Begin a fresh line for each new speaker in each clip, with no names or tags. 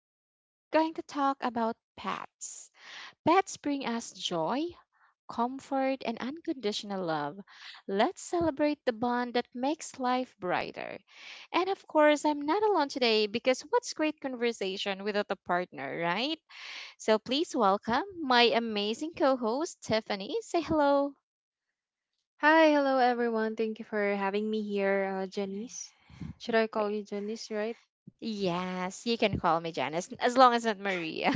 So, today we're going to talk about pets. Pets bring us joy, comfort, and unconditional love. Let's celebrate the bond that makes life brighter. And of course, I'm not alone today because what's great conversation without a partner, right? So, please welcome my amazing co host, Tiffany. Say hello.
Hi, hello everyone. Thank you for having me here, Janice. Should I call you Janice, right?
Yes, you can call me Janice, as long as not Marie.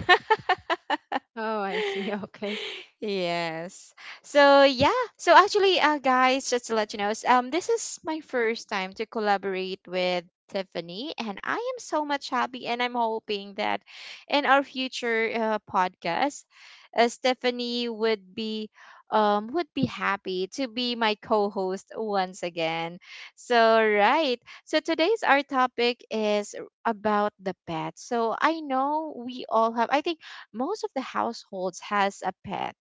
Oh, I see. Okay.
Yes. So yeah. So actually, guys, just to let you know, this is my first time to collaborate with Tiffany, and I am so much happy, and I'm hoping that in our future podcast, Stephanie would be happy to be my co-host once again. So right. So today's our topic is about the pet. So I know we all have. I think most of the households has a pet,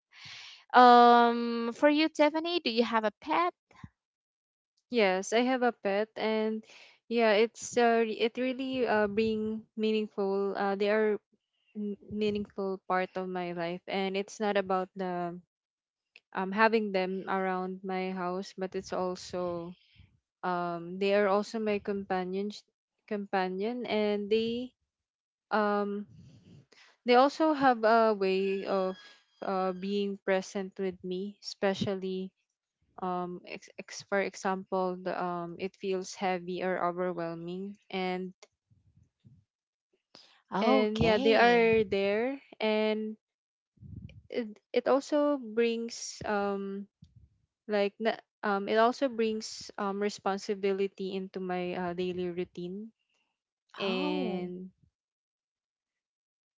for you, Tiffany, do you have a pet?
Yes, I have a pet, and yeah, it's it really bring meaningful. Meaningful part of my life, and it's not about the having them around my house, but it's also they are also my companions companion, and um they also have a way of being present with me, especially for example, it feels heavy or overwhelming. And yeah, they
Okay.
are there. And it also brings, it also brings responsibility into my daily routine.
Oh,
And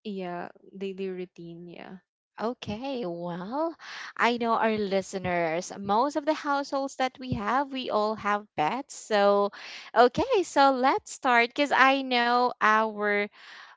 Yeah, daily routine, yeah.
okay. Well, I know our listeners, most of the households that we have, we all have pets. So, okay, so let's start because I know our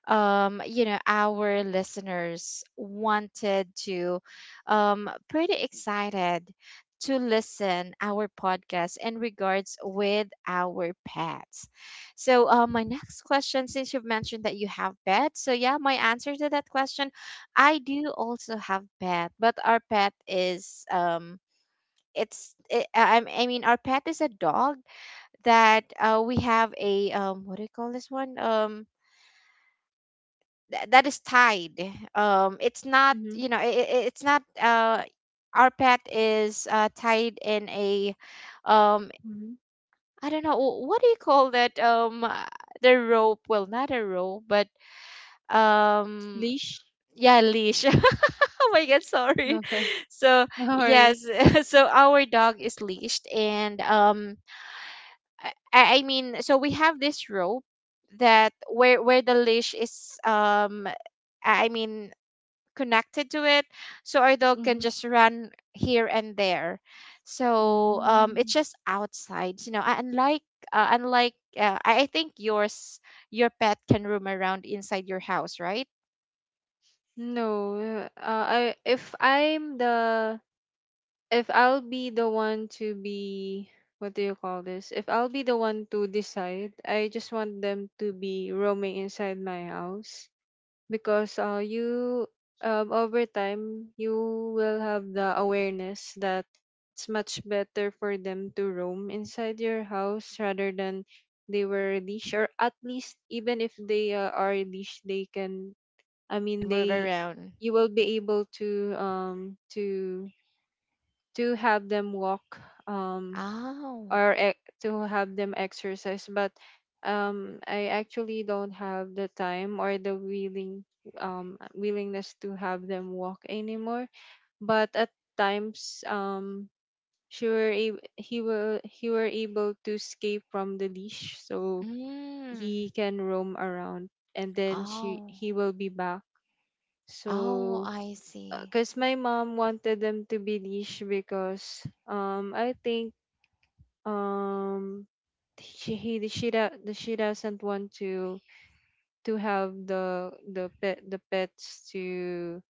you know, our listeners wanted to, pretty excited to listen our podcast in regards with our pets. So, my next question, since you've mentioned that you have pets, so yeah, my answer to that question, I do also have pet, but our pet is, I mean our pet is a dog that we have a what do you call this one, that is tied, it's not
Mm-hmm.
you know it's not. Our pet is tied in a um
Mm-hmm.
I don't know what do you call that, the rope, well not a rope but um
Leash.
yeah, leash. Oh my god, sorry.
Okay.
So yes.
Horse.
So our dog is leashed. And I mean so we have this rope that where the leash is, I mean connected to it, so our dog can
Mm-hmm.
just run here and there. So it's
Mm.
just outside, you know, unlike I think yours, your pet can roam around inside your house, right?
No, I If I'm the, if I'll be the one to be what do you call this? If I'll be the one to decide, I just want them to be roaming inside my house, because you over time you will have the awareness that it's much better for them to roam inside your house rather than they were leash. Or at least, even if they are leash, they can, I
It
mean
can move
they
around.
you will be able to to have them walk, um
Oh.
to have them exercise. But I actually don't have the time or the willingness to have them walk anymore. But at times, she were ab- he were able to escape from the leash, so
Mm.
he can roam around, and then she
Oh.
he will be back.
Oh,
So,
I see.
because my mom wanted them to be leash, because I think um she he she do- the she doesn't want to have the pets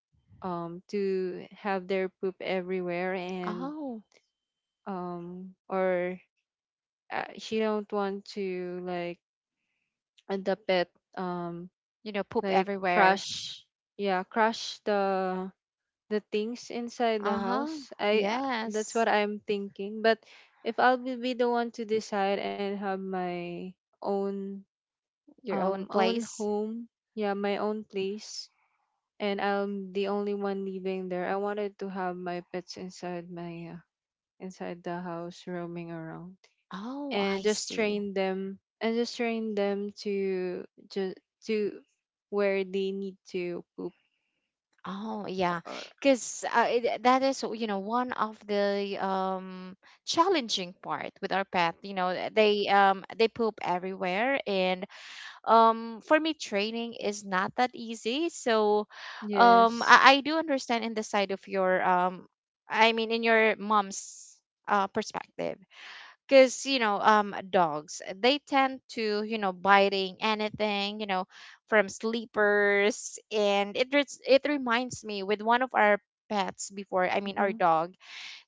to have their poop everywhere. And
Oh,
or she don't want to, like, the pet um
you know, poop
like
everywhere.
crush, yeah, crush the things inside the
Uh-huh.
house. I That's what
Yes.
I'm thinking. But if I'll be the one to decide and have my own
Your own
own
place.
home, yeah, my own place, and I'm the only one living there, I wanted to have my pets inside my inside the house roaming around,
Oh,
and
I
just
see.
train them, to just to where they need to poop.
Oh yeah,
Or
because that is you know one of the challenging part with our pet. You know they poop everywhere, and for me training is not that easy. So um,
yes.
I, I do understand in the side of your, I mean in your mom's perspective, because you know dogs, they tend to, you know, biting anything, you know, from sleepers. And it reminds me with one of our pets before, I mean our
Mhm.
dog.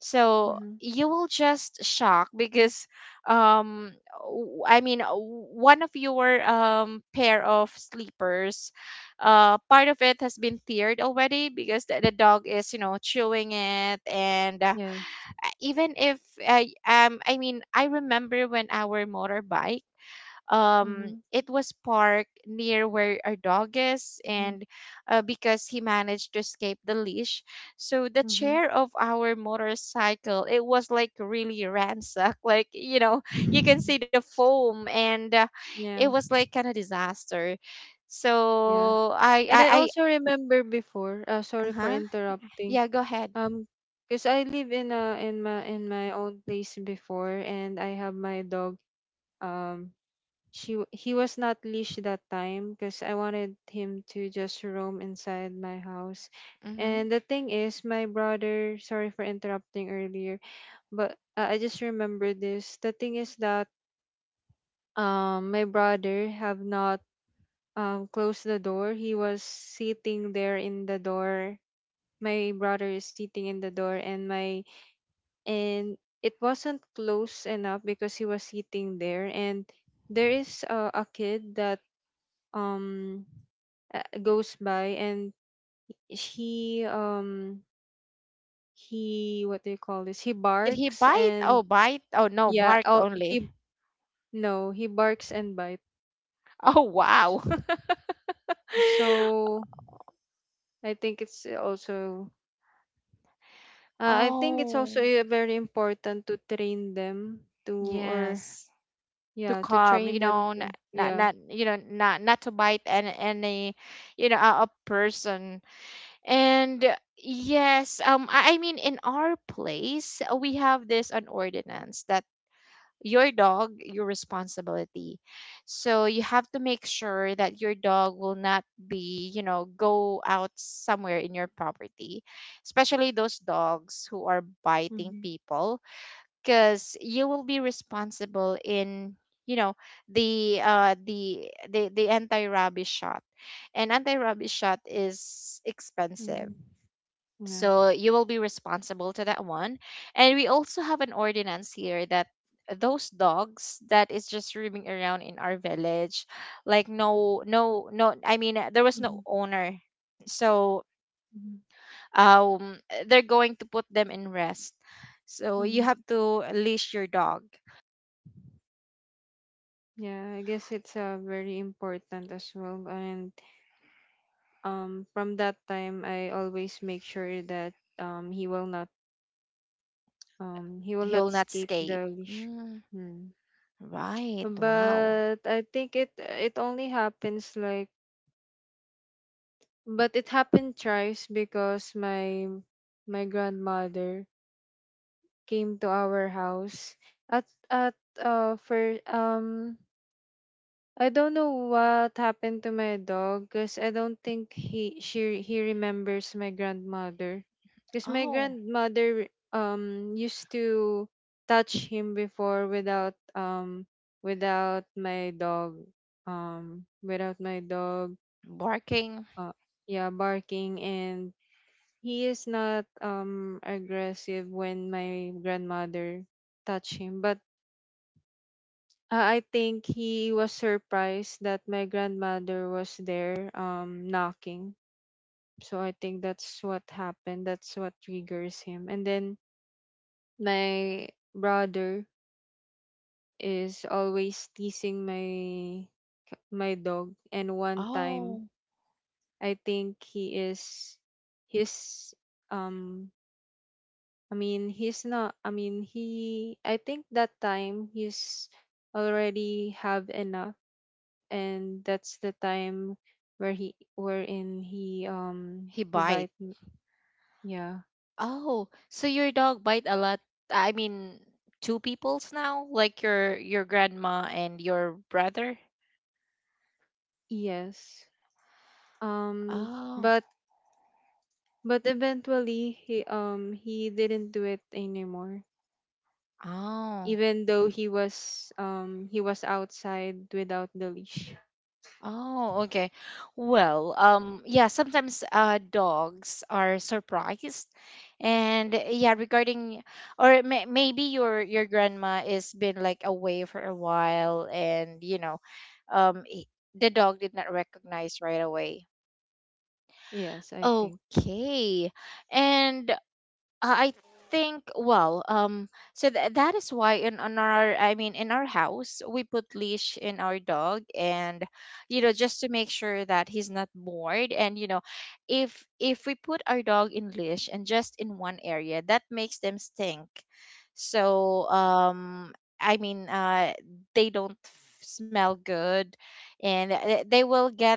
So
Mhm.
you will just shock because um one of your pair of sleepers, part of it has been teared already because the dog is you know chewing it. And
Yes.
even if I mean I remember when our motorbike
Mhm.
it was parked near where our dog is.
Mhm.
And because he managed to escape the leash, so the
Mhm.
chair of our motorcycle, it was like really ransacked. Like you know, you can see the foam. And it
Yeah,
was like kind of disaster.
yeah.
So
And I also remember before,
I
sorry for
huh,
interrupting.
yeah, go ahead.
Um, because I live in a, in my own place before, and I have my dog. Um, he was not leashed that time because I wanted him to just roam inside my house.
Hmm.
And the thing is, my brother. Sorry for interrupting earlier, but I just remember this. The thing is that my brother have not closed the door. He was sitting there in the door. My brother is sitting in the door, and my, and it wasn't close enough because he was sitting there. And there is a kid that um goes by. And he um he what do you call this, he
Did he
barks.
bite?
And
Oh, bite? Oh no,
yeah,
bark
oh, he,
only.
no, he barks and bites.
Oh, wow.
So I think it's also,
Oh,
very important to train them to, or
yes. To
yeah, to
calm,
train
you
them
know,
to,
not not,
yeah.
not you know, not to bite any you know, a person. And yes, um, I mean, in our place, we have this an ordinance that your dog, your responsibility. So you have to make sure that your dog will not be, you know, go out somewhere in your property, especially those dogs who are biting
Mm-hmm.
people, because you will be responsible in, you know, the the anti rubbish shot. And anti rubbish shot is expensive,
Mm-hmm. Yeah.
so you will be responsible to that one. And we also have an ordinance here that those dogs that is just roaming around in our village, like no no no I mean there was no
Hmm.
owner. So
Hmm.
um they're going to put them in rest. So you
Hmm.
have to leash your dog.
Yeah, I guess it's very important as well. And from that time, I always make sure that um, he will not he will
He'll
not
not
escape
escape.
the leash.
Mm,
Mm.
right. Wow.
But I think it, only happens like, but it happened thrice because my grandmother came to our house at, at for, I don't know what happened to my dog, because I don't think he remembers my grandmother. Because my
Oh,
grandmother used to touch him before without without my dog without my dog,
barking.
uh yeah, barking. And he is not aggressive when my grandmother touch him. But I think he was surprised that my grandmother was there, knocking. So I think that's what happened. That's what triggers him. And then my brother is always teasing my my dog. And one time,
Oh,
I think he is his um I mean he's not, I think that time he's already have enough, and that's the time where he wherein
he
he
bite.
bite me. Yeah.
Oh, so your dog bite a lot. I mean, two people's now, like your grandma and your brother.
Yes. Um
Oh.
but but eventually he didn't do it anymore.
Oh.
Even though he was outside without the leash.
Oh, okay. Well, yeah, sometimes dogs are surprised. And yeah, regarding, or maybe your grandma is been like away for a while and you know, um i- the dog did not recognize right away.
Yes, I think.
Okay. And I think well, so that is why in, on our, I mean in our house, we put leash in our dog, and you know, just to make sure that he's not bored. And you know, if we put our dog in leash and just in one area, that makes them stink. So, I mean, they don't smell good, and they will get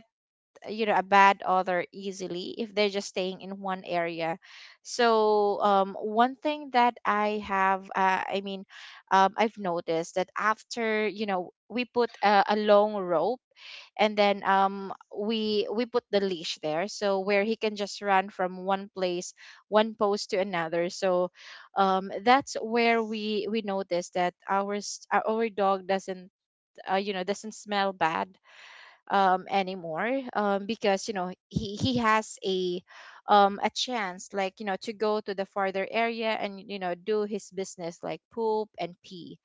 you know a bad author easily if they're just staying in one area. So one thing that I have I mean I've noticed that after you know we put a long rope, and then we put the leash there, so where he can just run from one place, one post to another. So that's where we notice that our dog doesn't you know doesn't smell bad anymore, because you know he has a chance like you know to go to the farther area and you know do his business like poop and pee.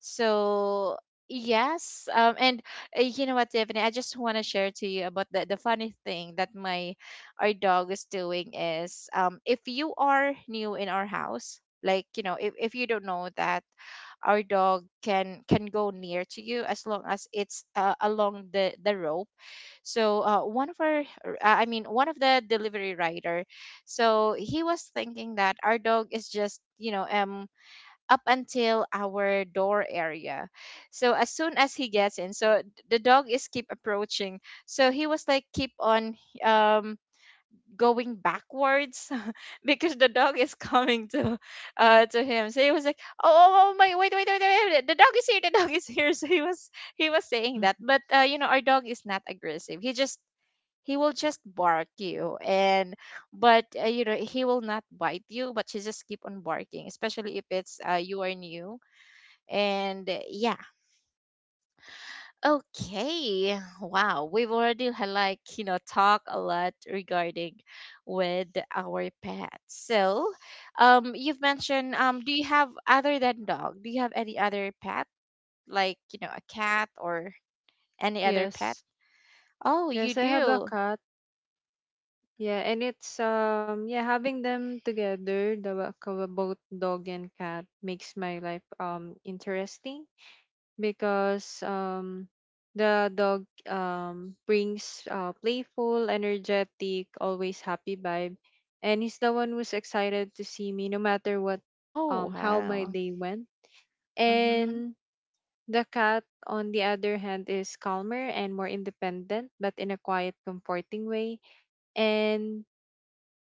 So yes, and you know what, Tiffany, I just want to share to you about the funny thing that my, our dog is doing is if you are new in our house, like you know, if you don't know that our dog can go near to you as long as it's along the rope. So one of our r- I mean one of the delivery rider, so he was thinking that our dog is just you know up until our door area. So as soon as he gets in, so the dog is keep approaching, so he was like keep on um going backwards. Because the dog is coming to him. So he was like, oh, oh, oh my, wait, wait, wait, wait, wait, the dog is here, the dog is here. So he was saying that. But you know, our dog is not aggressive, he just, he will just bark you, and but you know, he will not bite you, but he just keep on barking, especially if it's you are new. And yeah. Okay, wow, we've already had like you know talk a lot regarding with our pets. So you've mentioned, um, do you have other than dog, do you have any other pet, like you know a cat or any other pet?
Yes.
Oh, you
Yes, I have a
do.
cat. Yeah, and it's yeah, having them together, both dog and cat, makes my life interesting, because the dog brings playful, energetic, always happy vibe. And he's the one who's excited to see me no matter what
Oh,
how my
wow.
day went.
Mm-hmm.
And the cat, on the other hand, is calmer and more independent, but in a quiet, comforting way. And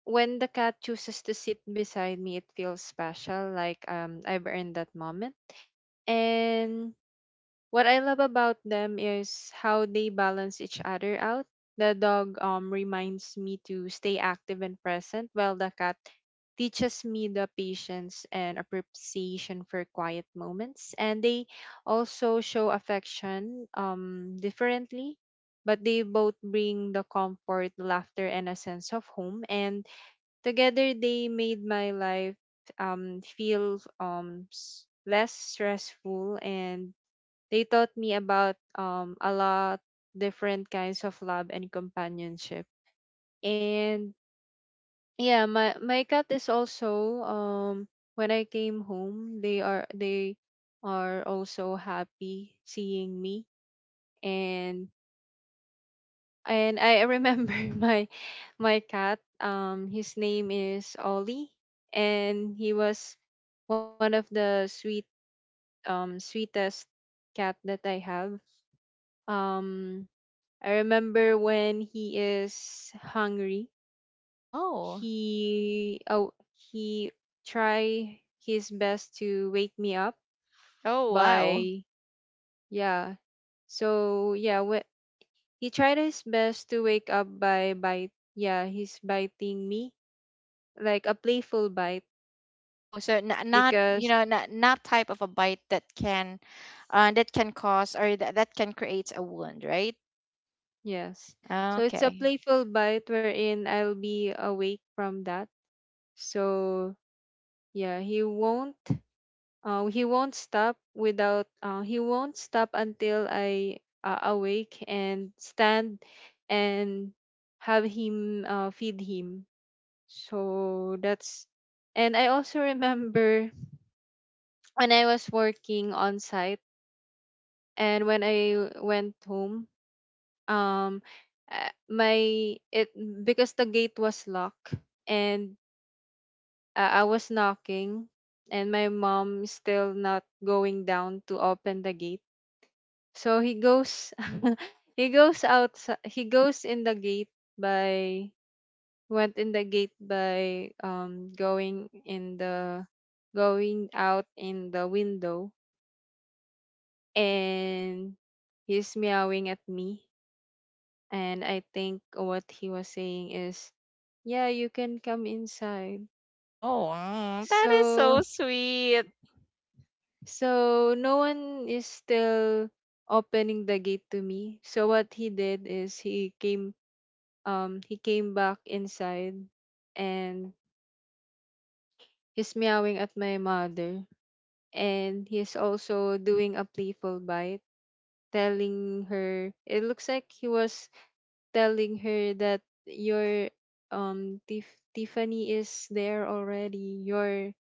when the cat chooses to sit beside me, it feels special, like, I've earned that moment. And what I love about them is how they balance each other out. The dog reminds me to stay active and present, while the cat teaches me the patience and appreciation for quiet moments. And they also show affection differently, but they both bring the comfort, laughter, and a sense of home. And together they made my life less stressful. And they taught me about, a lot different kinds of love and companionship. And yeah, my cat is also, when I came home, they are also happy seeing me. And I remember my cat, his name is Ollie. And he was one of the sweetest cat that I have. um I remember when he is hungry,
Oh.
he try his best to wake me up
Oh, wow.
by, yeah. So yeah, he tried his best to wake up by bite. Yeah, he's biting me, like a playful bite,
Oh, so not, you
because
know not type of a bite that can, that can cause, or that can create a wound, right?
yes. So it's a
Okay.
playful bite wherein I'll be awake from that. So yeah, he won't stop without. He won't stop until I awake and stand and have him feed him. So that's. And I also remember when I was working on site, and when I went home. Um, my it because the gate was locked, and I was knocking, and my mom is still not going down to open the gate. So he goes he goes out, he goes in the gate by went in the gate by going out in the window. And he's meowing at me, and I think what he was saying is, yeah, you can come inside.
Oh, mm, that is so
So,
sweet.
so no one is still opening the gate to me. So what he did is he came back inside. And he's meowing at my mother, and he's also doing a playful bite, telling her, it looks like he was telling her that your, Tiffany is there already, your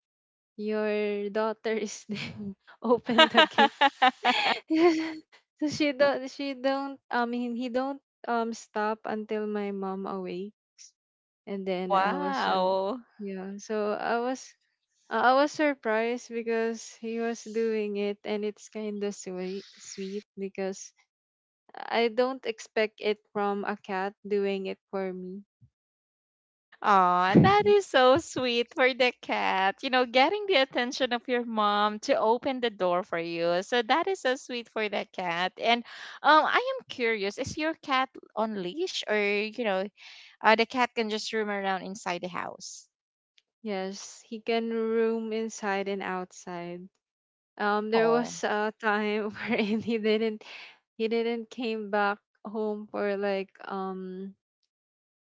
your daughter is there, open the gate. So she don't I mean he don't stop until my mom awake. And then I was
Wow.
yeah, so I was, I was surprised because he was doing it, and it's kind of sweet, sweet, because I don't expect it from a cat doing it for me.
Aw, that is so sweet for the cat. You know, getting the attention of your mom to open the door for you. So that is so sweet for the cat. And I am curious, is your cat on leash, or, you know, the cat can just roam around inside the house.
Yes, he can roam inside and outside. There
Oh.
was a time wherein he didn't came back home for like, um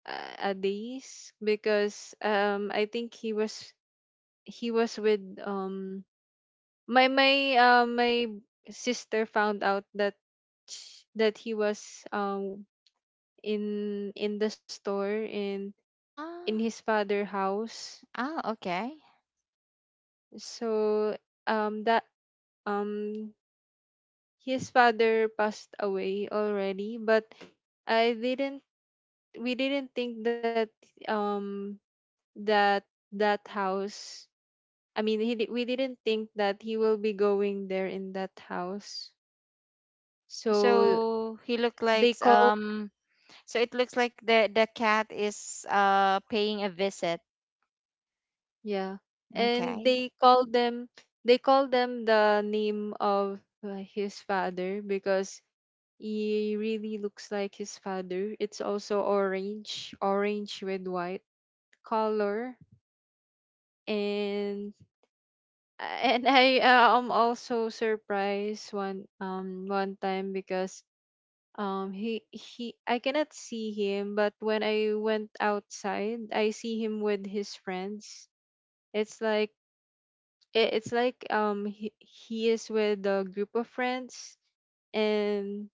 a, a days, because I think he was with, my sister found out that that he was in the store, in
Ah.
his father house.
Ah. Okay.
So that um his father passed away already. But I didn't we didn't think that um that that house, we didn't think that he will be going there in that house.
Oh,
So
so he look
they
like
call.
um, so it looks like the cat is paying a visit.
Yeah. And
Okay.
they call them, they call them the name of his father, because he really looks like his father. It's also orange, orange with white color. And I am also surprised one, one time, because he I cannot see him, but when I went outside I see him with his friends. It's like it, it's like he is with a group of friends, and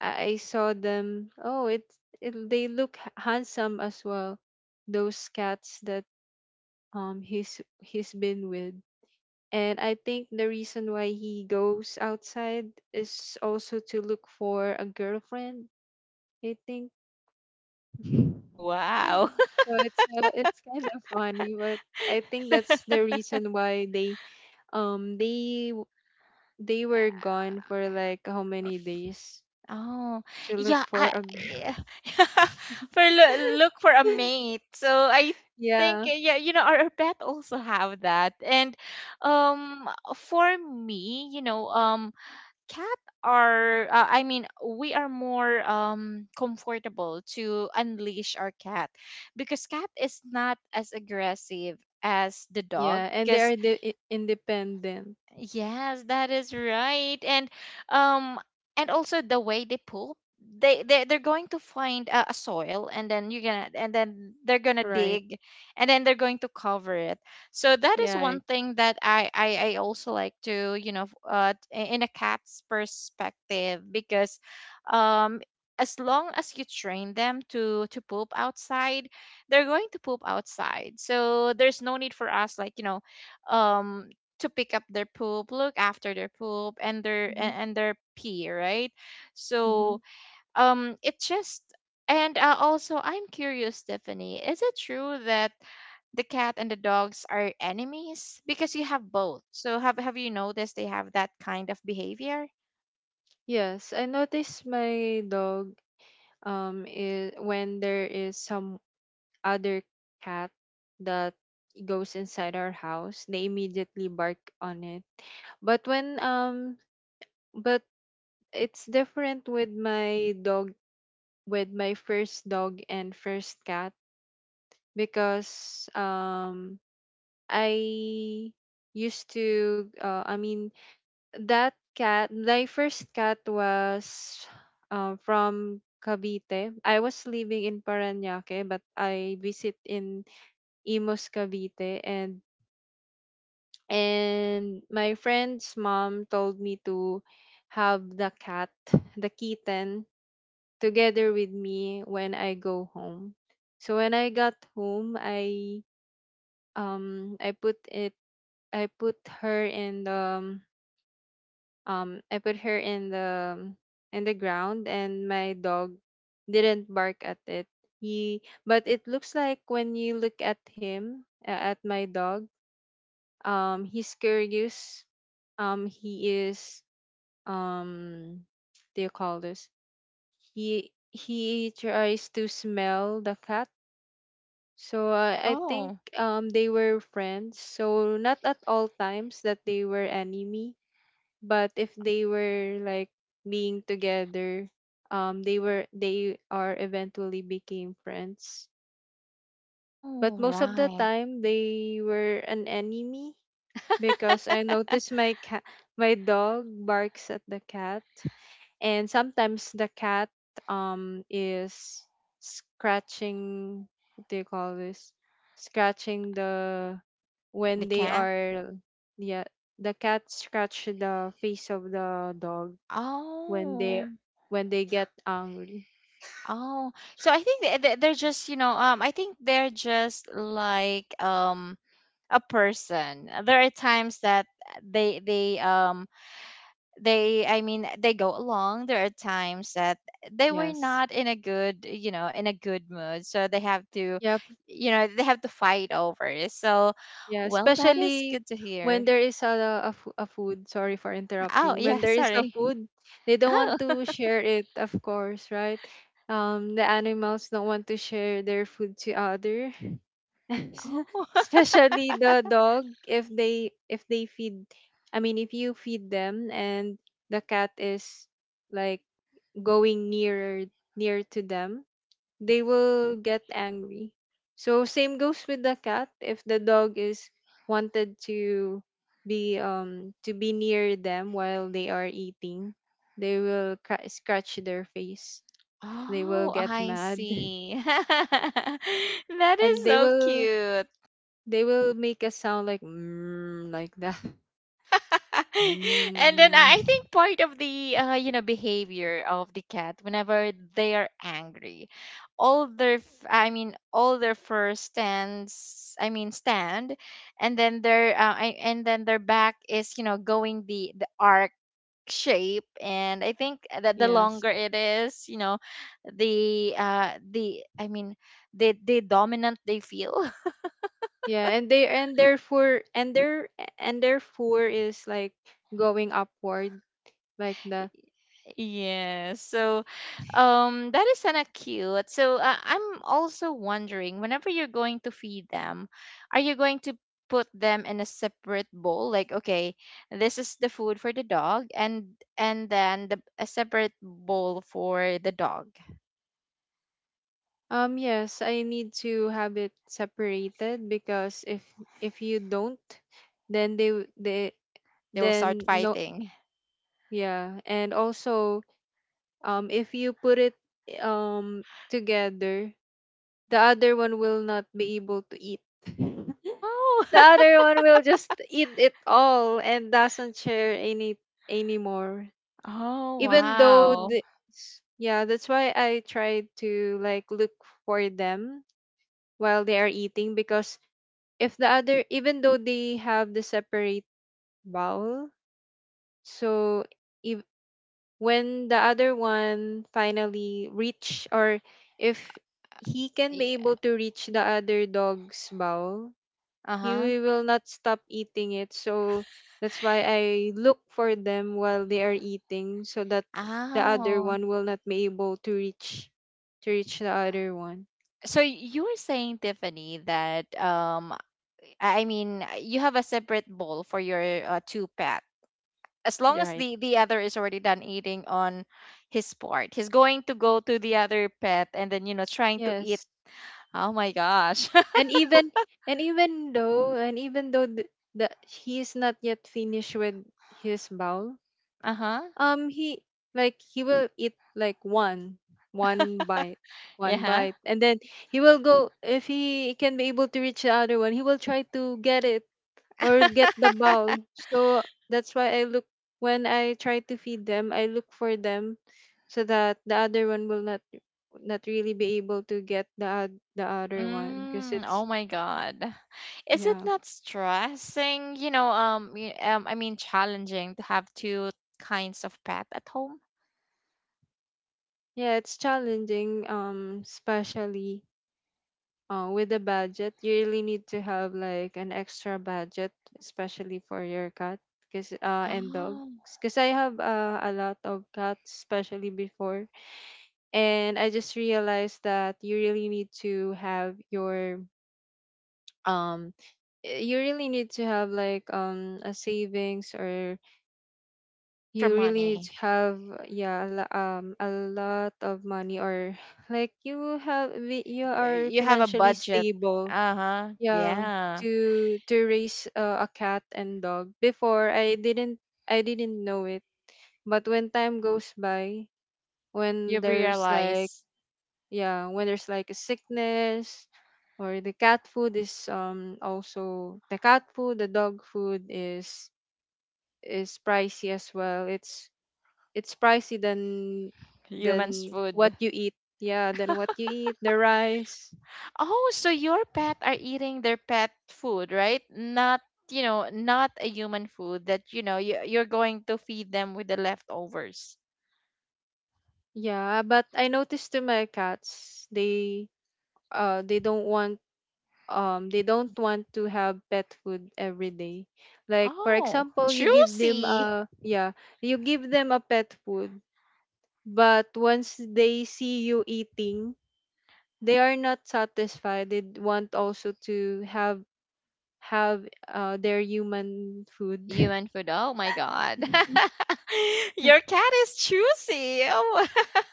I saw them. Oh, it they look handsome as well, those cats that he's been with. And I think the reason why he goes outside is also to look for a girlfriend, I think. So
Wow.
it's kind of funny, but I think that's the reason why um they they were
Uh,
gone for like how many days,
oh,
to look
yeah,
for
I,
a
yeah,
girl.
for look, look for a mate. So I think
Yeah,
yeah, you know, our pet also have that. And um for me, you know, cat are we are more comfortable to unleash our cat, because cat is not as aggressive as the dog,
yeah, and they
because.
are the independent,
Yes, that is right. Um and also the way they poop, they they're going to find a soil, and then you're gonna, and then they're gonna
right?
dig, and then they're going to cover it. So that is
Yeah.
one
Right.
thing that I also like to, you know, in a cat's perspective, because um as long as you train them to poop outside, they're going to poop outside. So there's no need for us like, um to pick up their poop, look after their poop and their
Hmm.
a- and their pee, right?
Hmm.
So it just and also I'm curious, Stephanie, is it true that the cat and the dogs are enemies because you have both? So have you noticed they have that kind of behavior?
Yes, I noticed my dog is when there is some other cat that goes inside our house, they immediately bark on it. But when um but it's different with my dog, with my first dog and first cat, because I used to I mean, that cat, my first cat, was from Cavite. I was living in Parañaque, but I visit in Imos Cavite, and my friend's mom told me to have the cat, the kitten, together with me when I go home. So when I got home, I put it I put her in the um, I put her in the in the ground, and my dog didn't bark at it. He, but it looks like when you look at him, at my dog, he's curious. Um, he is, um, what do you call this? He tries to smell the cat. So I think
Oh,
they were friends. So not at all times that they were enemy, but if they were like being together, they are eventually became friends. But
oh,
most of the
right,
time they were an enemy, because I noticed my cat, my dog barks at the cat, and sometimes the cat is scratching, what do you call this, scratching the,
the
when they
cat.
are, yeah, the cat scratch the face of the dog when they,
Oh,
when they get angry.
oh. So I think they're just, I think they're just like a person. There are times that they they um they, I mean, they go along. There are times that they were
Yes.
not in a good mood, so they have to
Yeah.
you know they have to fight over it. So
Yeah,
well, that is
especially
good to hear.
when there is a food, sorry for
Oh
interrupting.
yeah,
When there is a
sorry.
food, they don't
Oh
want to share it, of course, right? The animals don't want to share their food to other.
oh
Especially the dog, if they I mean, if you feed them and the cat is like going near to them, they will get angry. So same goes with the cat. If the dog is wanted to be near them while they are eating, they will scratch their face. They will
oh,
get
I
mad,
see. That is
and
so cute.
they will make a sound like mm, like that.
And then I
Mm.
think part of the behavior of the cat whenever they are angry, all their fur stands, I mean, stand, and then their back is going the arc shape, and I think that the
Yes.
longer it is, you know the I mean the dominant they feel.
Yeah, and they and therefore and their fur is like going upward, like that.
Yes. So, that is kind of cute. So, I'm also wondering, whenever you're going to feed them, are you going to put them in a separate bowl? Like, okay, this is the food for the dog, and then the a separate bowl for the dog.
Um, yes, I need to have it separated, because if you don't, then they w- they
They will start
then no.
fighting.
Yeah, and also, if you put it um together, the other one will not be able to eat.
Oh.
The other one will just eat it all and doesn't share any anymore,
Oh,
even though
wow.
the, yeah. That's why I try to like look for them while they are eating, because if the other, even though they have the separate vowel, so if, when the other one finally reach, or if he can be
Yeah.
able to reach the other dog's vowel, he
Uh-huh.
will not stop eating it. So that's why I look for them while they are eating, so that the other
Oh.
one will not be able to reach the other one.
So you're saying, Tiffany, that I mean, you have a separate bowl for your two pet. As long as
Right.
the other is already done eating on his part, he's going to go to the other pet and then trying to eat.
Yes.
Oh my gosh.
And even though that he is not yet finished with his bowl,
Uh huh.
he, like, he will eat like one, one bite one
Yeah.
bite, and then he will go, if he can be able to reach the other one, he will try to get it or get the bowl. So that's why I look, when I try to feed them, I look for them, so that the other one will not not really be able to get the the other one, because
Mm,
it's,
oh my God. Is it
yeah.
not stressing? I mean, challenging to have two kinds of pet at home.
Yeah, it's challenging, especially with the budget. You really need to have like an extra budget, especially for your cat, cause and dogs.
Oh,
Cause I have a lot of cats, especially before, and I just realized that you really need to have your, um, you really need to have like a savings, or
extra
you really need
money.
to have, yeah, a lot of money, or like you have, you
Y-
are
You have a
financially
budget.
stable.
Uh-huh.
Yeah,
Yeah.
to raise a cat and dog. Before I didn't know it, but when time goes by,
You
when there's like,
realize
yeah, when there's like a sickness, or the cat food is, um, also the cat food, the dog food is pricey as well. It's pricey
humans'
than what
food.
you eat. Yeah, than what you eat, the rice.
Oh, so your pet are eating their pet food, right? Not, not a human food that, you're going to feed them with the leftovers.
Yeah, but I noticed to my cats, they don't want, they don't want to have pet food every day. Like for
Oh,
example, you give them
juicy
a, yeah, you give them a pet food, but once they see you eating, they are not satisfied. They want also to have have their human food.
human food. Oh my God. Your cat is juicy. Oh,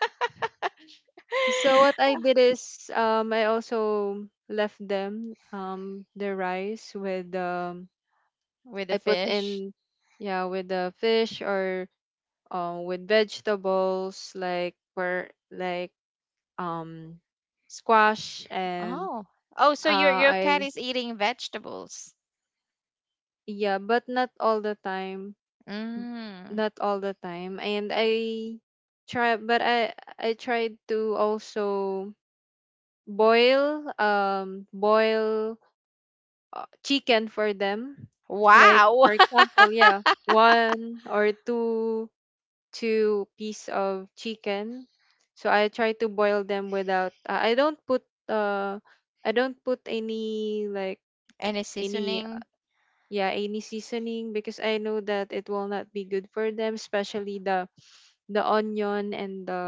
So what I did is, I also left them the rice with, um,
with the
I put
fish.
in, yeah, with the fish, or with vegetables, like for like um squash, and
Oh. Oh, so your your cat
I,
is eating vegetables.
yeah, but not all the time,
Mm.
not all the time. And I try, but I tried to also boil, boil chicken for them. Like
Wow.
for example, yeah, one or two, two piece of chicken. So I try to boil them without, I don't put, uh I don't put any like
Any
any,
seasoning?
yeah, any seasoning, because I know that it will not be good for them, especially the onion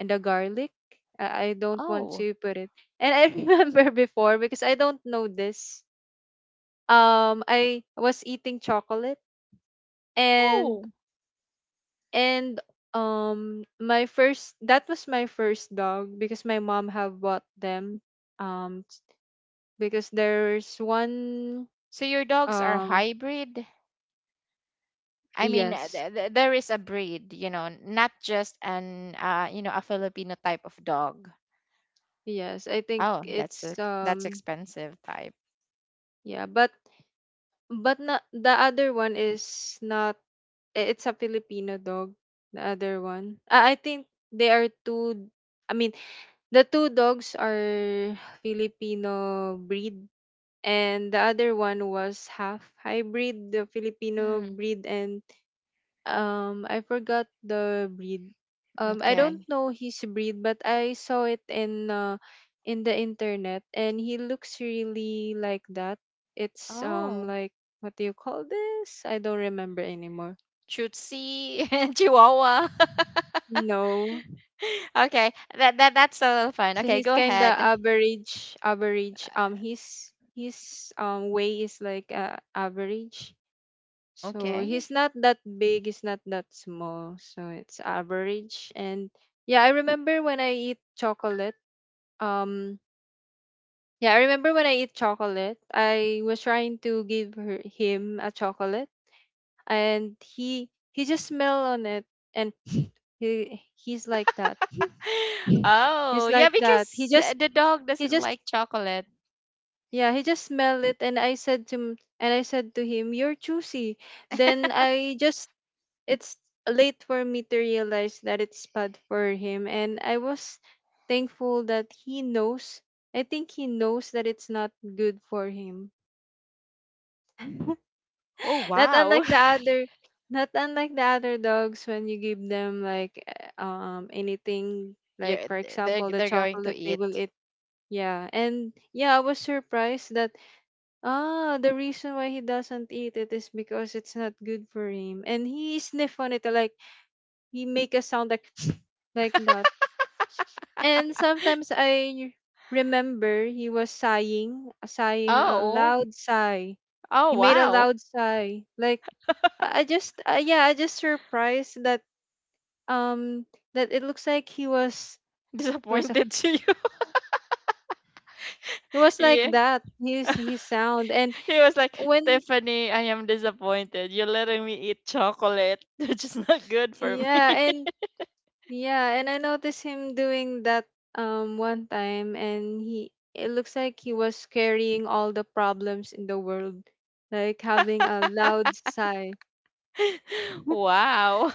and the garlic. I don't want
Oh.
to put it. And I remember before, because I don't know this, I was eating chocolate and
Oh.
and, um, my first, that was my first dog, because my mom have bought them, um because there's one,
So your dogs are
um,
hybrid? I mean,
yes.
there is a breed, not just a Filipino type of dog.
Yes, I think
Oh, that's a
it's,
that's
um,
expensive type.
yeah, but not, the other one is not, it's a Filipino dog. The other one, I think, they are two, I mean, the two dogs are Filipino breed, and the other one was half hybrid, the Filipino
Hmm.
breed, and, I forgot the breed. I don't
Okay.
know his breed, but I saw it in, in the internet, and he looks really like that. It's, um,
Oh,
like, what do you call this? I don't remember anymore.
Chutzi, Chihuahua.
No.
Okay, that's a little fun.
So
Okay,
he's
go
kinda
ahead.
average, average. Um, his way is like, average.
Mm,
So
okay.
he's not that big, he's not that small. So it's average. And, yeah, I remember when I eat chocolate. Um, yeah, I remember when I eat chocolate, I was trying to give her, him, a chocolate, and he, just smell on it, and he, he's like that.
Oh,
He's
yeah,
like that. He
because
just,
the dog
he
doesn't
just
like chocolate.
yeah, he just smelled it, and I said to him, You're choosy. Then I just, it's late for me to realize that it's bad for him, and I was thankful that he knows, I think he knows that it's not good for him.
Oh,
Not
wow.
unlike the other, not unlike the other dogs, when you give them like, anything, like,
Yeah,
for
th- they're
example, the
they're going to
chocolate, they
eat.
will eat. Yeah, and yeah, I was surprised that, ah, the reason why he doesn't eat it is because it's not good for him, and he sniffed on it like, you make a sound like like that. And sometimes I remember he was sighing, sighing a
Oh.
loud sigh.
Oh,
He made a
wow.
loud sigh. Like, I just, yeah, I just surprised that, um that it looks like he was, he was
Disappointed to you.
it was like
Yeah.
that. His sound, and
He was like,
when,
Tiffany, I am disappointed. You're letting me eat chocolate, which is not good for
yeah,
me.
and, yeah, and I noticed him doing that, one time, and he, it looks like he was carrying all the problems in the world, like having a loud sigh.
Wow.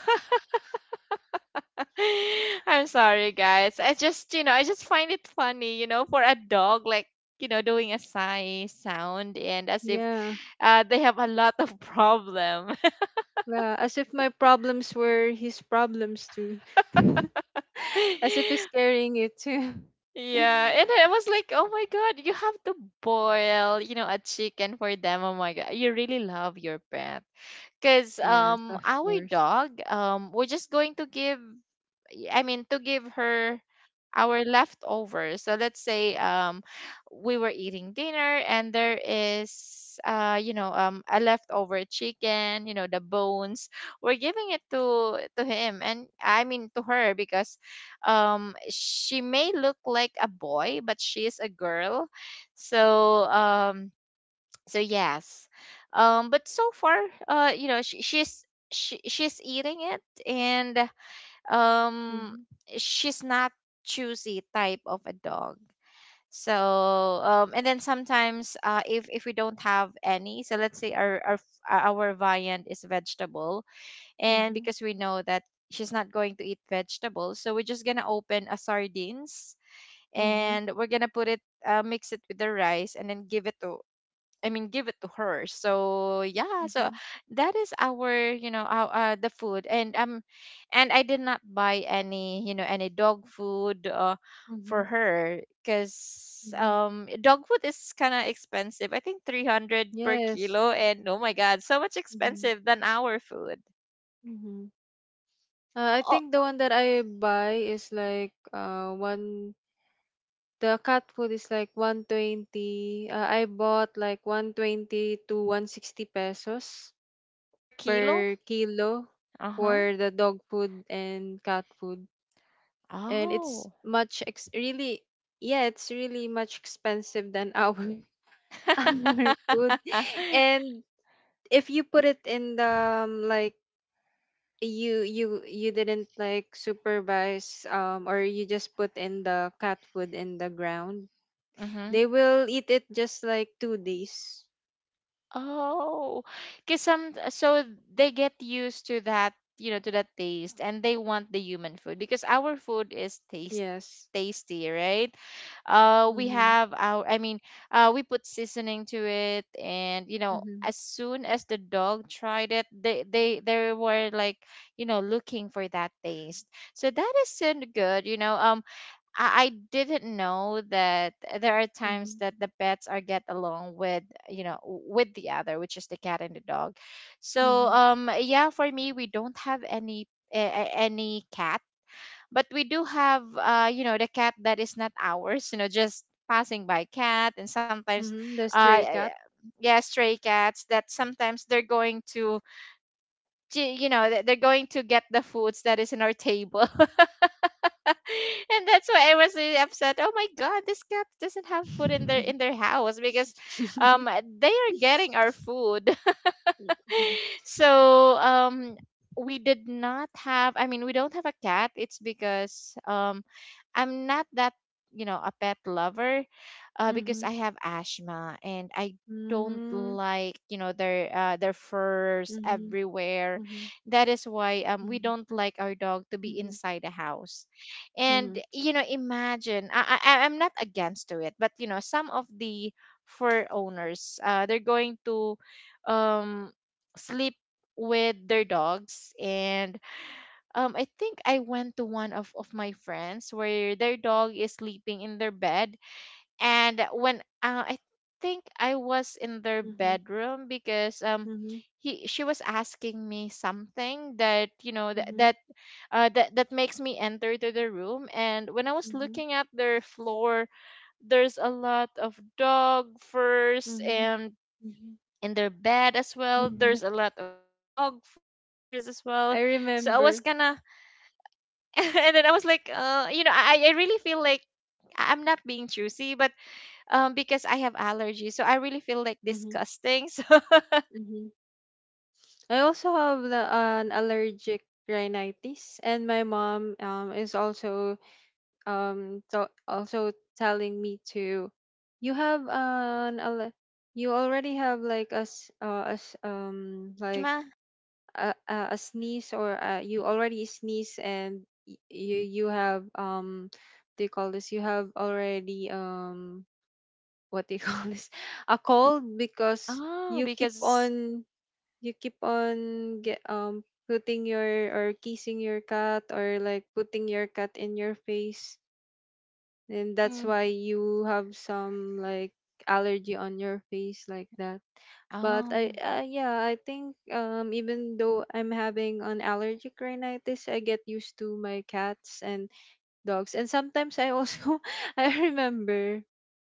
I'm sorry, guys. I just find it funny, for a dog, like, doing a sigh sound and as if
Yeah.
they have a lot of problem.
Yeah, as if my problems were his problems too. As if he's carrying it too.
Yeah, and I was like, oh my god, you have to boil, a chicken for them. Oh my god, you really love your pet. Because
Yes, of
our
course.
dog, we're just going to give, I mean, to give her our leftovers. So let's say we were eating dinner and there is a leftover chicken, the bones. We're giving it to him and, I mean, to her because she may look like a boy but she is a girl. So um so yes, but so far uh you know she, she's she's eating it, and um
Mhm.
she's not choosy type of a dog, so and then sometimes if we don't have any, so let's say our viand is vegetable, and
Mhm.
because we know that she's not going to eat vegetables, so we're just gonna open a sardines
Mhm.
and we're gonna put it mix it with the rice and then give it to I mean, give it to her. So yeah, so
Mhm.
that is our, you know, our, the food, and I did not buy any dog food for
Mhm.
her because
Mhm.
dog food is kind of expensive. I think 300 per
Yes.
kilo, and oh my god, so much
Mhm.
expensive than our food.
Mhm. I
Oh,
think the one that I buy is like, one, the cat food is like 120. I bought like 120 to 160 pesos
per kilo?
per kilo
Uh huh.
for the dog food and cat food. And it's
Oh.
much ex, really, yeah, it's really much expensive than our our food. And if you put it in the, like, you didn't like supervise, or you just put in the cat food in the ground,
Mm-hmm.
they will eat it just like 2 days.
Oh, because some so they get used to that, to that taste, and they want the human food because our food is taste
Yes.
tasty, right? We
mm-hmm
have our, I mean, we put seasoning to it, and
mm-hmm
as soon as the dog tried it, they were like, looking for that taste. So that is so good. I didn't know that there are times
mm-hmm
that the pets are get along with, with the other, which is the cat and the dog. So
mm-hmm,
yeah, for me, we don't have any any cat, but we do have, the cat that is not ours, just passing by cat. And sometimes,
mm-hmm. The
uh
stray cat.
yeah, stray cats that sometimes they're going to, they're going to get the foods that is in our table. And that's why I was really upset. Oh my god, this cat doesn't have food in their
mm-hmm
in their house because um they are getting our food. So we did not have, I mean, we don't have a cat. It's because I'm not that, a pet lover, because
mm-hmm
I have asthma and I don't like, their furs
mm-hmm
everywhere.
mm-hmm
That is why we don't like our dog to be
mm-hmm
inside the house. And
mm-hmm
imagine, I'm not against to it, but some of the fur owners, they're going to um sleep with their dogs. And I think I went to one of my friends where their dog is sleeping in their bed, and when I think I was in their
mm-hmm
bedroom because
mm-hmm
he she was asking me something that you know that
mm-hmm
that that that makes me enter to the room. And when I was
mm-hmm
looking at their floor, there's a lot of dog furs,
mm-hmm
and
Mm-hmm.
in their bed as well there's a lot of dog furs as well, so I
I
was kind of
remember.
and then I was like, I really feel like, I'm not being choosy, but because I have allergies, so I really feel like
Mm-hmm.
disgusting.
Mm-hmm. I also have an allergic rhinitis, and my mom, is also, so also telling me to, you have an you already have like
So
like
Ashma,
a sneeze, or you already sneeze, and you have, what do you call this, you have already, what do you call this, a cold, because
oh,
you keep
because
on you keep on get putting your, or kissing your cat, or like putting your cat in your face, and that's
mm,
why you have some like allergy on your face like that. But I
oh
yeah, I think, even though I'm having an allergic rhinitis, I get used to my cats and dogs. And sometimes I also, I remember,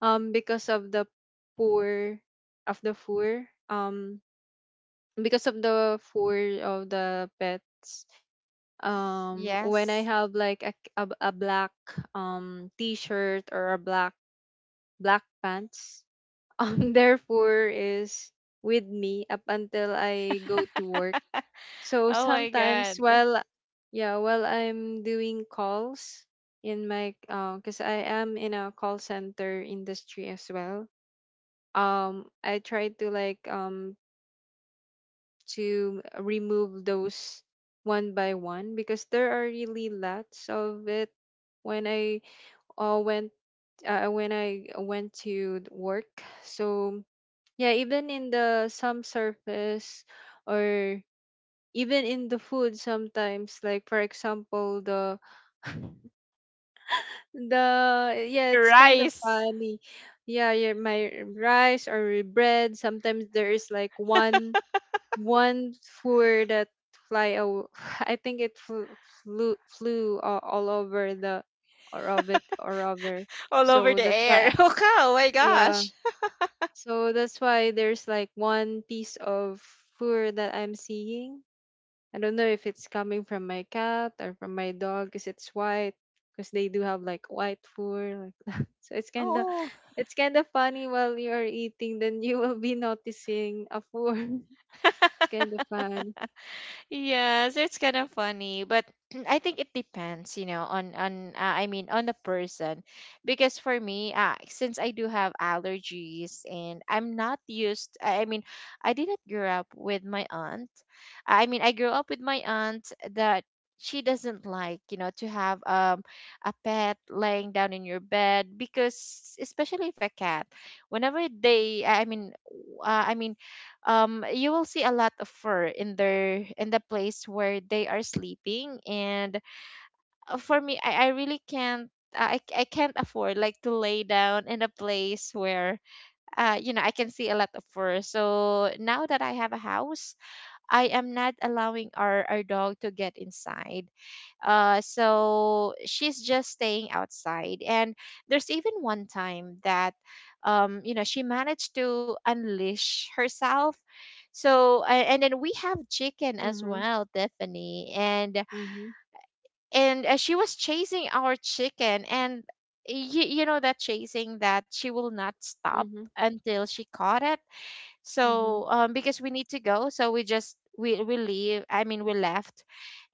um because of the poor of the four um because of the four of the pets, when I
yes,
have like a black, t-shirt, or a black pants, their fur is with me up until I go to work. So
oh my
sometimes,
god,
while I'm doing calls in my, because I am in a call center industry as well, I try to, like, to remove those one by one, because there are really lots of it when I went when I went to work. So yeah, even in the some surface, or even in the food sometimes, like, for example, the, the, yeah,
your
it's kind of
rice
funny. Yeah, your my rice or bread, sometimes there is like one fur that fly aw- I think it flew, flew all over the orbit or other.
all over
So
the
that's
air.
why I—
Oh, cow, oh my
yeah.
gosh,
So that's why there's like one piece of fur that I'm seeing. I don't know if it's coming from my cat or from my dog, because it's white, because they do have like white fur, like, that. So
oh.
it's kind of funny while you're eating, then you will be noticing a fur. It's kind of fun.
Yes, it's kind of funny, but I think it depends, on I mean, on the person, because for me, since I do have allergies and I'm not used, I mean, I didn't grow up with my aunt. I mean, I grew up with my aunt that she doesn't like, to have a pet laying down in your bed, because especially if a cat, whenever I mean, you will see a lot of fur in the place where they are sleeping. And for me, I can't afford like to lay down in a place where I can see a lot of fur. So now that I have a house, I am not allowing our dog to get inside. So she's just staying outside. And there's even one time that, she managed to unleash herself. So, and then we have chicken as
Mm-hmm.
well, Tiffany. And,
Mhm.
and uh, she was chasing our chicken. And you know, that chasing that she will not stop
Mhm.
until she caught it.
Mhm.
So, because we need to go. So we leave. I mean, we left.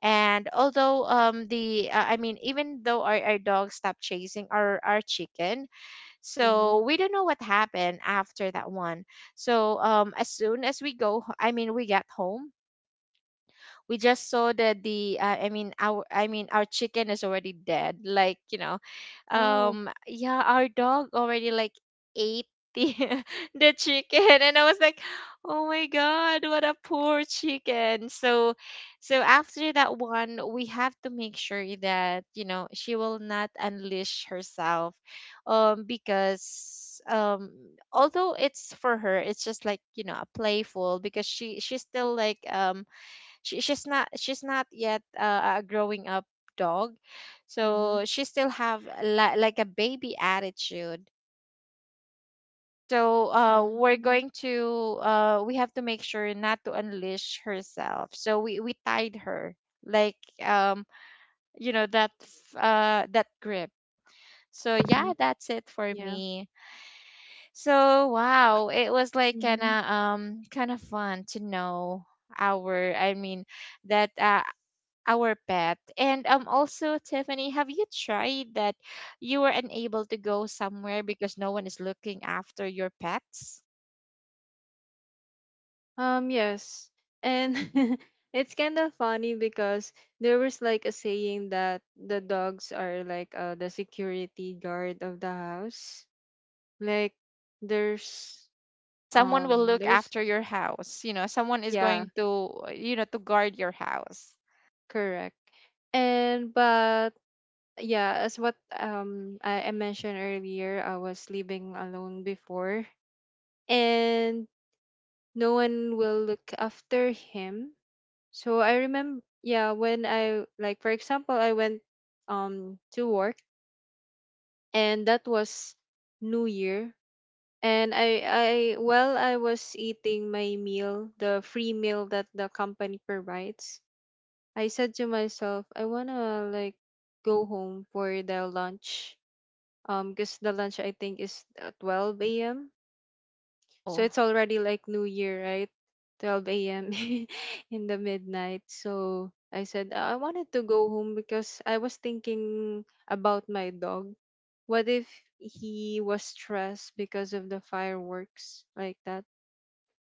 And although the I mean even though our dog stopped chasing our chicken,
Mhm.
so we don't know what happened after that one. So as soon as we I mean, we get home, we just saw that the I mean our chicken is already dead. Like,
No.
yeah, our dog already like ate the the chicken, and I was like, oh my god, what a poor chicken. So after that one, we have to make sure that you know she will not unleash herself, because um although it's for her it's just like you know a playful because she's still like she's not yet a growing up dog,
Mhm.
so she still have like a baby attitude. So we're
Mhm.
going to we have to make sure not to unleash herself, so we tied her like um you know that that grip. So yeah,
Mhm.
that's it for
Yeah.
me. So wow, it was like
Mhm.
kind of fun to know our I mean that our pet. And um, also Tiffany, have you tried that you were unable to go somewhere because no one is looking after your pets?
Yes. And it's kind of funny, because there was like a saying that the dogs are like, the security guard of the house. Like, there's
Yeah, someone will look
there's,
after your house. You know, someone is
yeah,
going to you know, to guard your house.
correct. And but, yeah, as what, I mentioned earlier, I was living alone before, and no one will look after him. So I remember, yeah, when I, like, for example, I went, to work, and that was New Year, and I while I was eating my meal, the free meal that the company provides, I said to myself, I wanna like go home for the lunch, because the lunch, I think, is at 12 a.m. So
Oh,
it's already like New Year, right? 12 a.m., in the midnight. So I said, I wanted to go home because I was thinking about my dog. What if he was stressed because of the fireworks, like that?"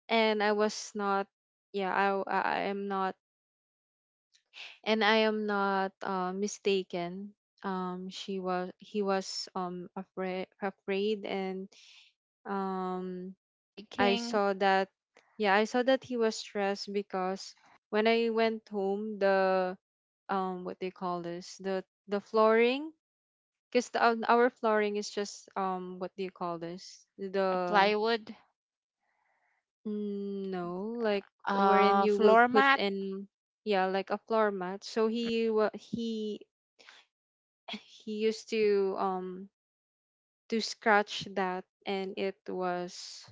And I was not, yeah, I, w- I am not, and I am not, mistaken. He was, and um I
shaking,
saw that, yeah, I saw that he was stressed, because when I went home, the, what do you call this? The flooring. Because, our flooring is just, what do you call this?
a
The,
plywood,
mm, no, like, wherein you will
floor
put
mat.
in, yeah, like a floor mat. So he wa- he he used to, to scratch that, and it was,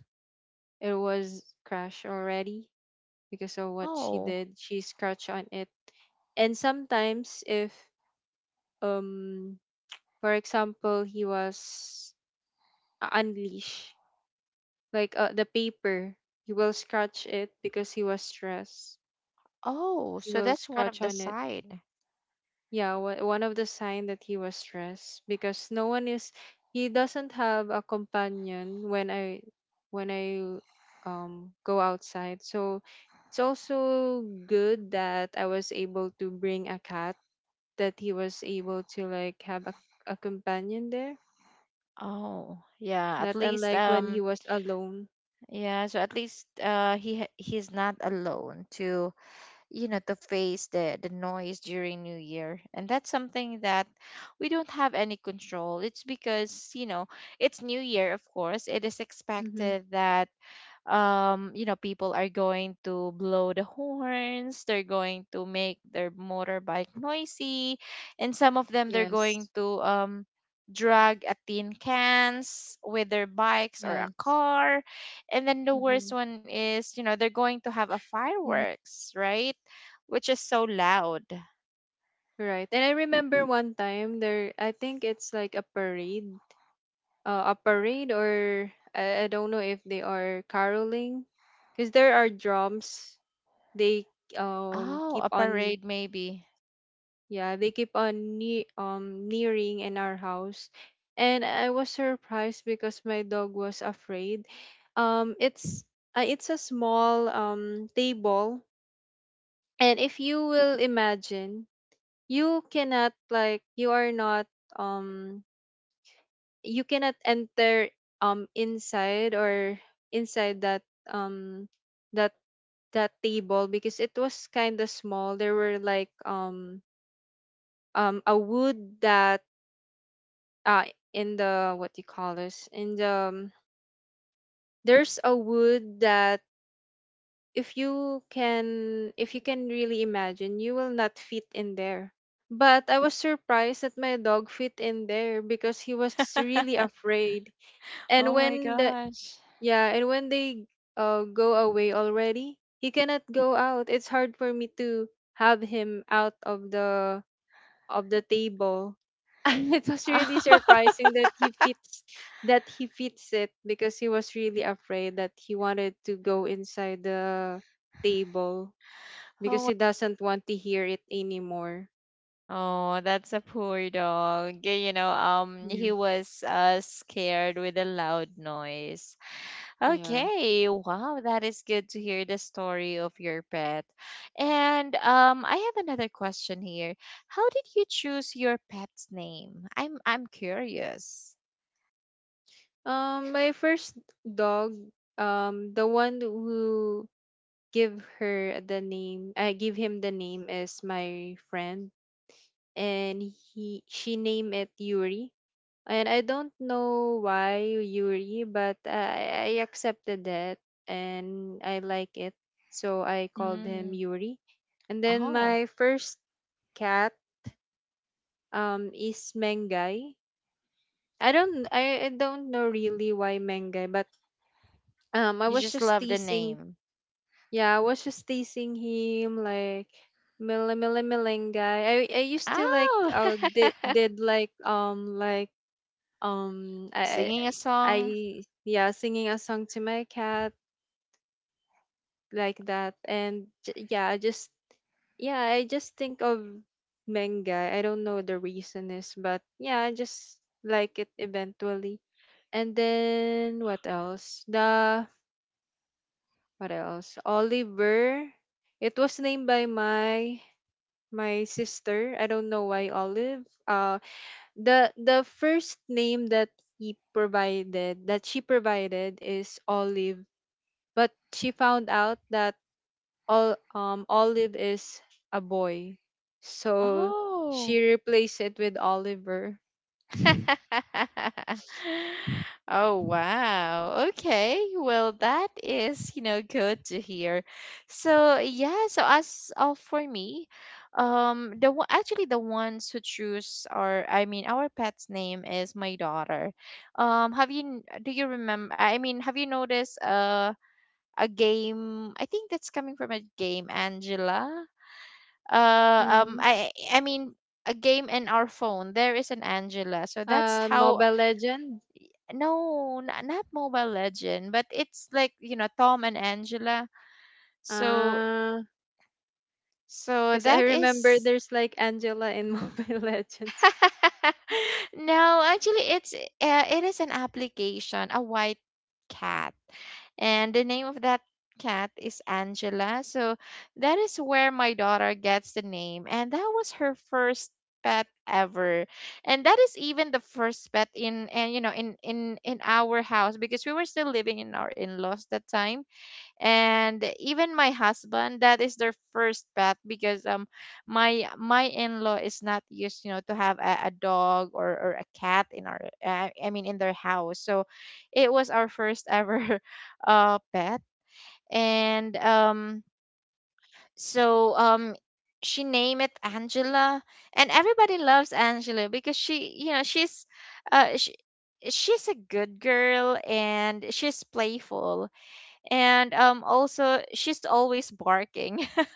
it was crashed already because of what she
Oh,
did. She scratched on it. And sometimes if, um for example, he was, unleashed, like, the paper, he will scratch it because he was stressed.
oh,
He
so
will
that's one
scratch
of the
on it.
side.
Yeah, wha- one of the sign that he was stressed, because no one is, he doesn't have a companion when I, when I, go outside. So it's also good that I was able to bring a cat, that he was able to like have a companion there,
Oh, yeah. At
not
least
unlike when he was alone.
yeah. So at least he he's not alone to you know to face the noise during new year, and that's something that we don't have any control. It's because you know it's new year, of course it is
Mm-hmm.
expected that um, you know, people are going to blow the horns, they're going to make their motorbike noisy, and some of them they're going
Yes.
to drag a tin cans with their bikes or a
Yes.
car, and then the
Mm-hmm.
worst one is you know they're going to have a
Mm-hmm.
fireworks, right? Which is so loud.
Right. And I remember one time there, I think it's like a parade, a parade, or I don't know if they are caroling, because there are drums, they,
Oh, a
keep on.
parade maybe.
Yeah, they keep on ne- nearing in our house. And I was surprised because my dog was afraid. It's, it's a small, table. And if you will imagine, you cannot, like, you are not, um you cannot enter, inside, or inside that, that that table, because it was kind of small. There were like, a wood that, uh in the, what do you call this, in the, there's a wood that, if you can really imagine, you will not fit in there. But I was surprised that my dog fit in there because he was really afraid. And
Oh my
when the,
gosh.
yeah, and when they, go away already, he cannot go out. It's hard for me to have him out of the, of the table. And it was really surprising that he fits, that he fits it, because he was really afraid that he wanted to go inside the table, because
Oh.
he doesn't want to hear it anymore.
Oh, that's a poor dog. You know,
Yeah.
he was scared with a loud noise.
Yeah.
Okay, wow, that is good to hear the story of your pet. And I have another question here. How did you choose your pet's name? I'm curious.
My first dog, the one who give her the name, I give him the name is my friend, and he she named it Yuri. And I don't know why, Yuri, but I accepted it, and I like it. So I called him
Mm.
Yuri. And then
Oh,
my first cat, is Mengai. I don't know really why Mengai, but, I
you
was
just
just
love the
teasing,
name.
yeah, I was just teasing him like Mila Mila Melengai. I used to like,
Oh,
did like, like,
singing a
I
song.
yeah, singing a song to my cat like that. And j- yeah, I just, yeah, I just think of manga. I don't know the reason is, but, yeah, I just like it eventually. And then what else, the, what else, Oliver. It was named by my my sister. I don't know why Olive, the first name that he provided that she provided is Olive, but she found out that, all, Olive is a boy, so she
Oh.
replaced it with Oliver.
Oh wow. Okay. Well, that is, you know, good to hear. So, yeah, so as of for me, um, the one actually the ones who choose our I mean our pet's name is my daughter. Um, have you do you remember, I mean have you noticed uh, a game, I think that's coming from a game, Angela? Um,
Mhm.
I mean a game in our phone, there is an Angela, so that's how
Mobile Legends.
no, not, not Mobile Legend, but it's like, you know, Tom and Angela. So
Uh,
so
because I
that
remember
is
there's like Angela in Mobile Legends. Mhm.
no, actually it's it is an application, a white cat. And the name of that cat is Angela. So that is where my daughter gets the name, and that was her first pet ever, and that is even the first pet in, and you know, in our house because we were still living in our in-laws that time. And even my husband, that is their first pet because um, my in-law is not used you know to have a dog or a cat in our I mean in their house. So it was our first ever pet. And um, so um, she named it Angela, and everybody loves Angela because she you know uh she, she's a good girl and she's playful. And um, also she's always barking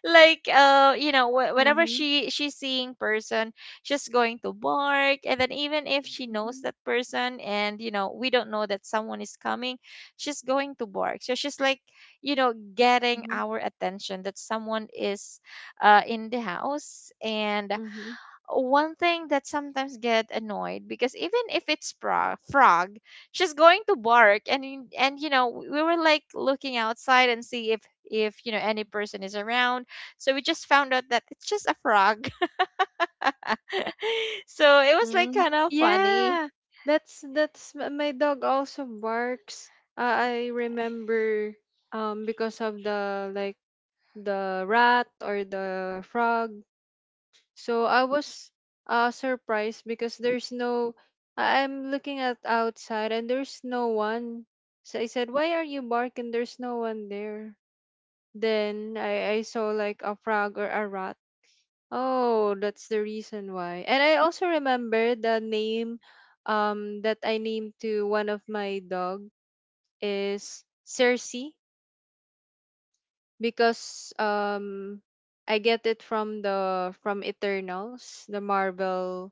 like uh, you know, whenever she's seeing person, she's going to bark. And then even if she
Mhm.
knows that person and you know we don't know that someone is coming, she's going to bark, so she's like you know getting
Mhm.
our attention that someone is uh, in the house. And
Mhm.
one thing that sometimes get annoyed because even if it's frog, she's going to bark. And you know we were like looking outside and see if you know any person is around. So we just found out that it's just a frog. So it was like
Mm.
kind of funny.
Yeah, that's m- my dog also barks. I remember, because of the, like, the rat or the frog. So I was, surprised, because there's no, I- I'm looking at outside and there's no one. So I said, why are you barking? There's no one there. Then I saw like a frog or a rat. Oh, that's the reason why. And I also remember the name, that I named to one of my dog is Cersei, because, I get it from the, from Eternals, the Marvel.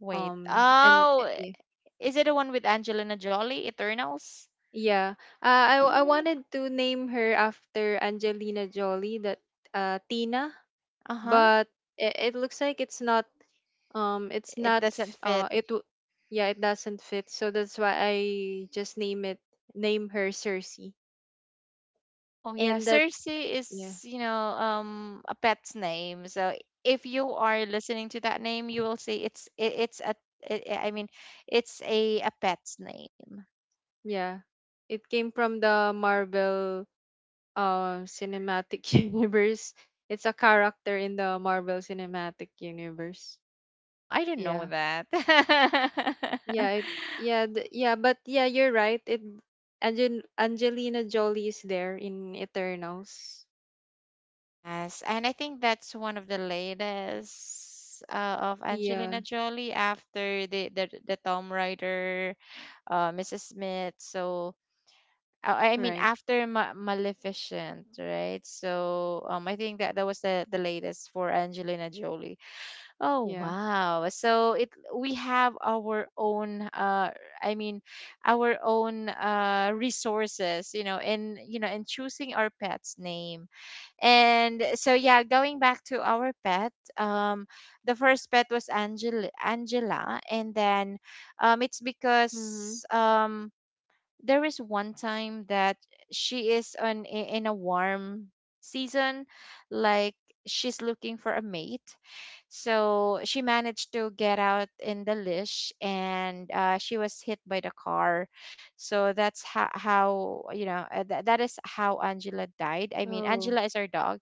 Wait,
M. eh,
oh,
yeah.
is it the one with Angelina Jolie, Eternals?
Yeah. I wanted to name her after Angelina Jolie, that, Tina,
Uh huh.
but it looks like it's not, it's
It
not
doesn't
f-
fit.
it w- yeah, it doesn't fit. So that's why I just name it, name her Cersei.
Oh yeah,
And that,
Cersei
yeah.
is, you know, um, a pet's name. So if you are listening to that name, you will say it's a I mean, it's a pet's name.
Yeah, it came from the Marvel, cinematic universe. It's a character in the Marvel cinematic universe.
Oh, I didn't know
Yeah.
that.
Yeah, it, yeah, th- yeah, but, yeah, you're right. It, Angel, Angelina Jolie is there in Eternals.
Yes, and I think that's one of the latest of
Yeah,
Angelina Jolie after the the Tomb Raider, Mrs. Smith. So I mean
right.
after Maleficent, right? So I think that that was the latest for Angelina Jolie. Oh
Yeah.
wow! So it we have our own I mean, our own uh, resources, you know, and you know, in choosing our pet's name. And so yeah, going back to our pet, um, the first pet was Angela, and then it's
Mhm.
because um, there is one time that she is on in a warm season, like she's looking for a mate, so she managed to get out in the leash and she was hit by the car. So that's how you know that is how Angela died. I mean
Oh.
Angela is our dog.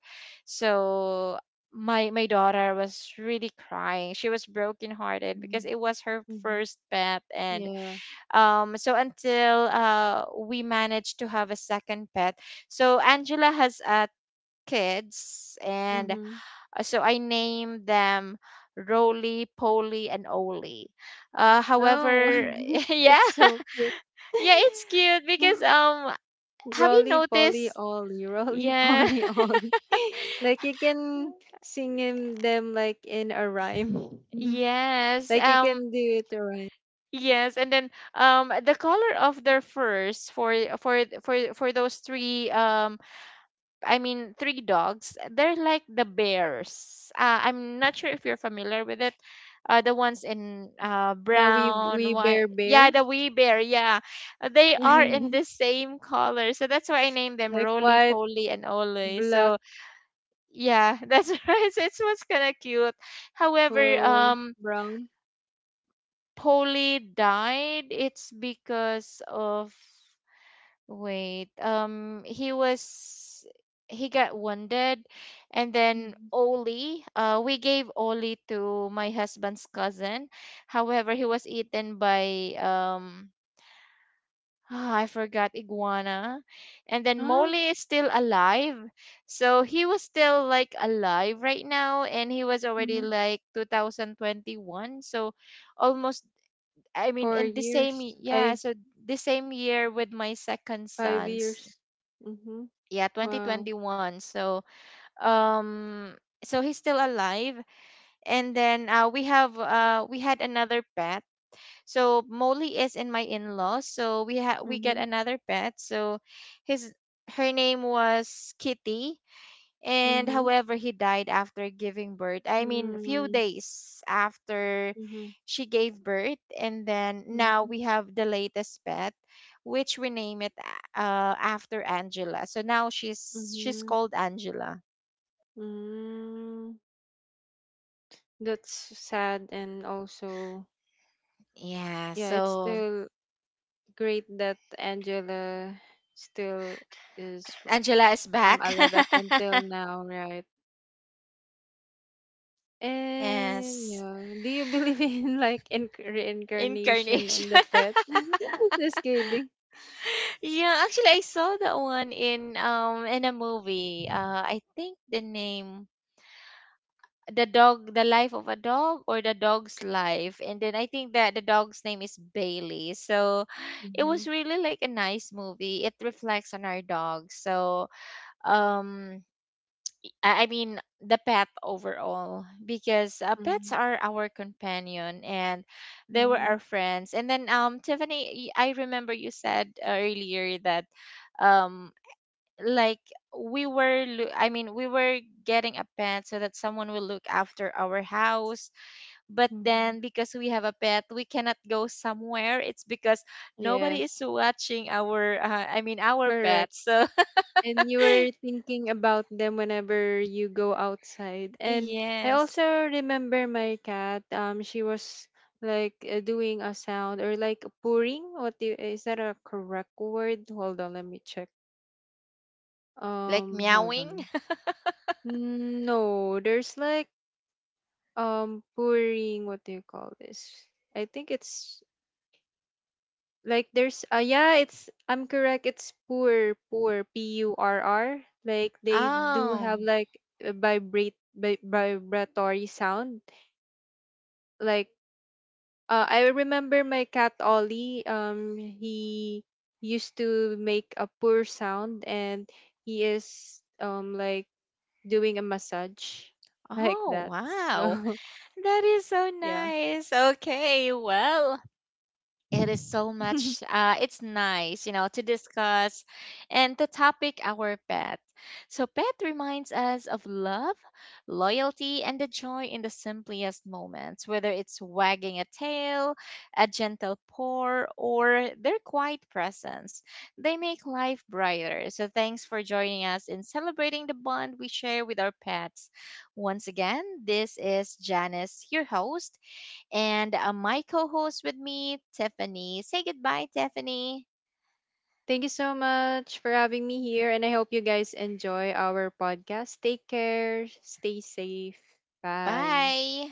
So my daughter was really crying, she was brokenhearted because
Mhm.
it was her
Mhm.
first pet. And
Yeah.
um, so until uh, we managed to have a second pet. So Angela has uh, kids. And
Mhm.
so I named them Roly Poly and Oli. Uh
Oh,
however yeah
it's so cute.
yeah it's cute because have you
Rolly Polly
noticed
Olly, Rolly
yeah
Polly Olly. Like you can sing him them like in a rhyme.
yes,
Like you can do it a rhyme.
yes, and then the color of their furs for those three um, I mean, three dogs. They're like the bears. I'm not sure if you're familiar with it. The ones in
The
brown,
we
what?
bear
Yeah,
bears.
the wee bear. Yeah, uh, they are in the same color, so that's why I named them
Like
Roly
white,
Poly and Ole.
black,
So yeah, that's right. So it's what's kind of cute. However,
uh, brown.
Polly died. It's because of wait, he was he got wounded, and then
Mhm.
Oli, we gave Oli to my husband's cousin. However, he was eaten by I forgot iguana, and then
Huh?
Molly is still alive, so he was still like alive right now, and he was already
Mm-hmm.
like 2021, so almost. I mean,
Four
in the same
years.
yeah,
I
so the same year with my second
five
son,
years. Mm-hmm.
yeah
Wow.
2021. So um, so he's still alive. And then we have we had another pet. So Molly is in my in-laws, so we had we
Mm-hmm.
get another pet. So his her name was Kitty. And
Mm-hmm.
however, he died after giving birth. I mean, few
Mm-hmm.
days after
Mm-hmm.
she gave birth. And then now
Mm-hmm.
we have the latest pet, which we name it after Angela. So now she's
Mm-hmm.
called Angela.
Mm. That's sad. And also,
Yeah,
yeah, it's
so
still great that Angela still is,
Angela is back.
alive up until now, right? And,
Yes.
yeah, do you believe in, like, in reincarnation in the
Incarnation.
pet? Just kidding.
Yeah, actually I saw that one in um, in a movie. Uh, I think the name, the dog, the life of a dog or the dog's life, and then I think that the dog's name is Bailey. So it
Mm-hmm.
was really like a nice movie, it reflects on our dog. So um, I mean the pet overall, because pets
Mm-hmm.
are our companion, and they were our friends. And then um, Tiffany, I remember you said earlier that um, like we were loo- I mean we were getting a pet so that someone will look after our house, but
Mm-hmm.
then because we have a pet we cannot go somewhere. It's because nobody is
Yes,
watching our I mean our
correct.
pet. So
And you were thinking about them whenever you go outside. And I
yes.
also remember my cat. She was like, doing a sound, or like purring. What do you, is that a correct word? Hold on, let me check.
Like
Hold
meowing?
on. Mm, no, there's like, pouring, what do you call this? I think it's, like, there's, yeah, it's, I'm correct. It's pour, purr. Like they do
Oh,
have like a vibrate, vibratory sound. Like, I remember my cat Ollie, he used to make a pour sound, and he is, like doing a massage like
oh,
that.
wow.
So
That is so
yeah.
nice. Okay, well, it is so much, it's nice, you know, to discuss and to topic our pet. So, pet reminds us of love, loyalty, and the joy in the simplest moments, whether it's wagging a tail, a gentle purr, or their quiet presence. They make life brighter. So, thanks for joining us in celebrating the bond we share with our pets. Once again, this is Janice, your host, and my co host with me, Tiffany. Say goodbye, Tiffany.
Thank you so much for having me here, and I hope you guys enjoy our podcast. Take care, stay safe. Bye.
Bye.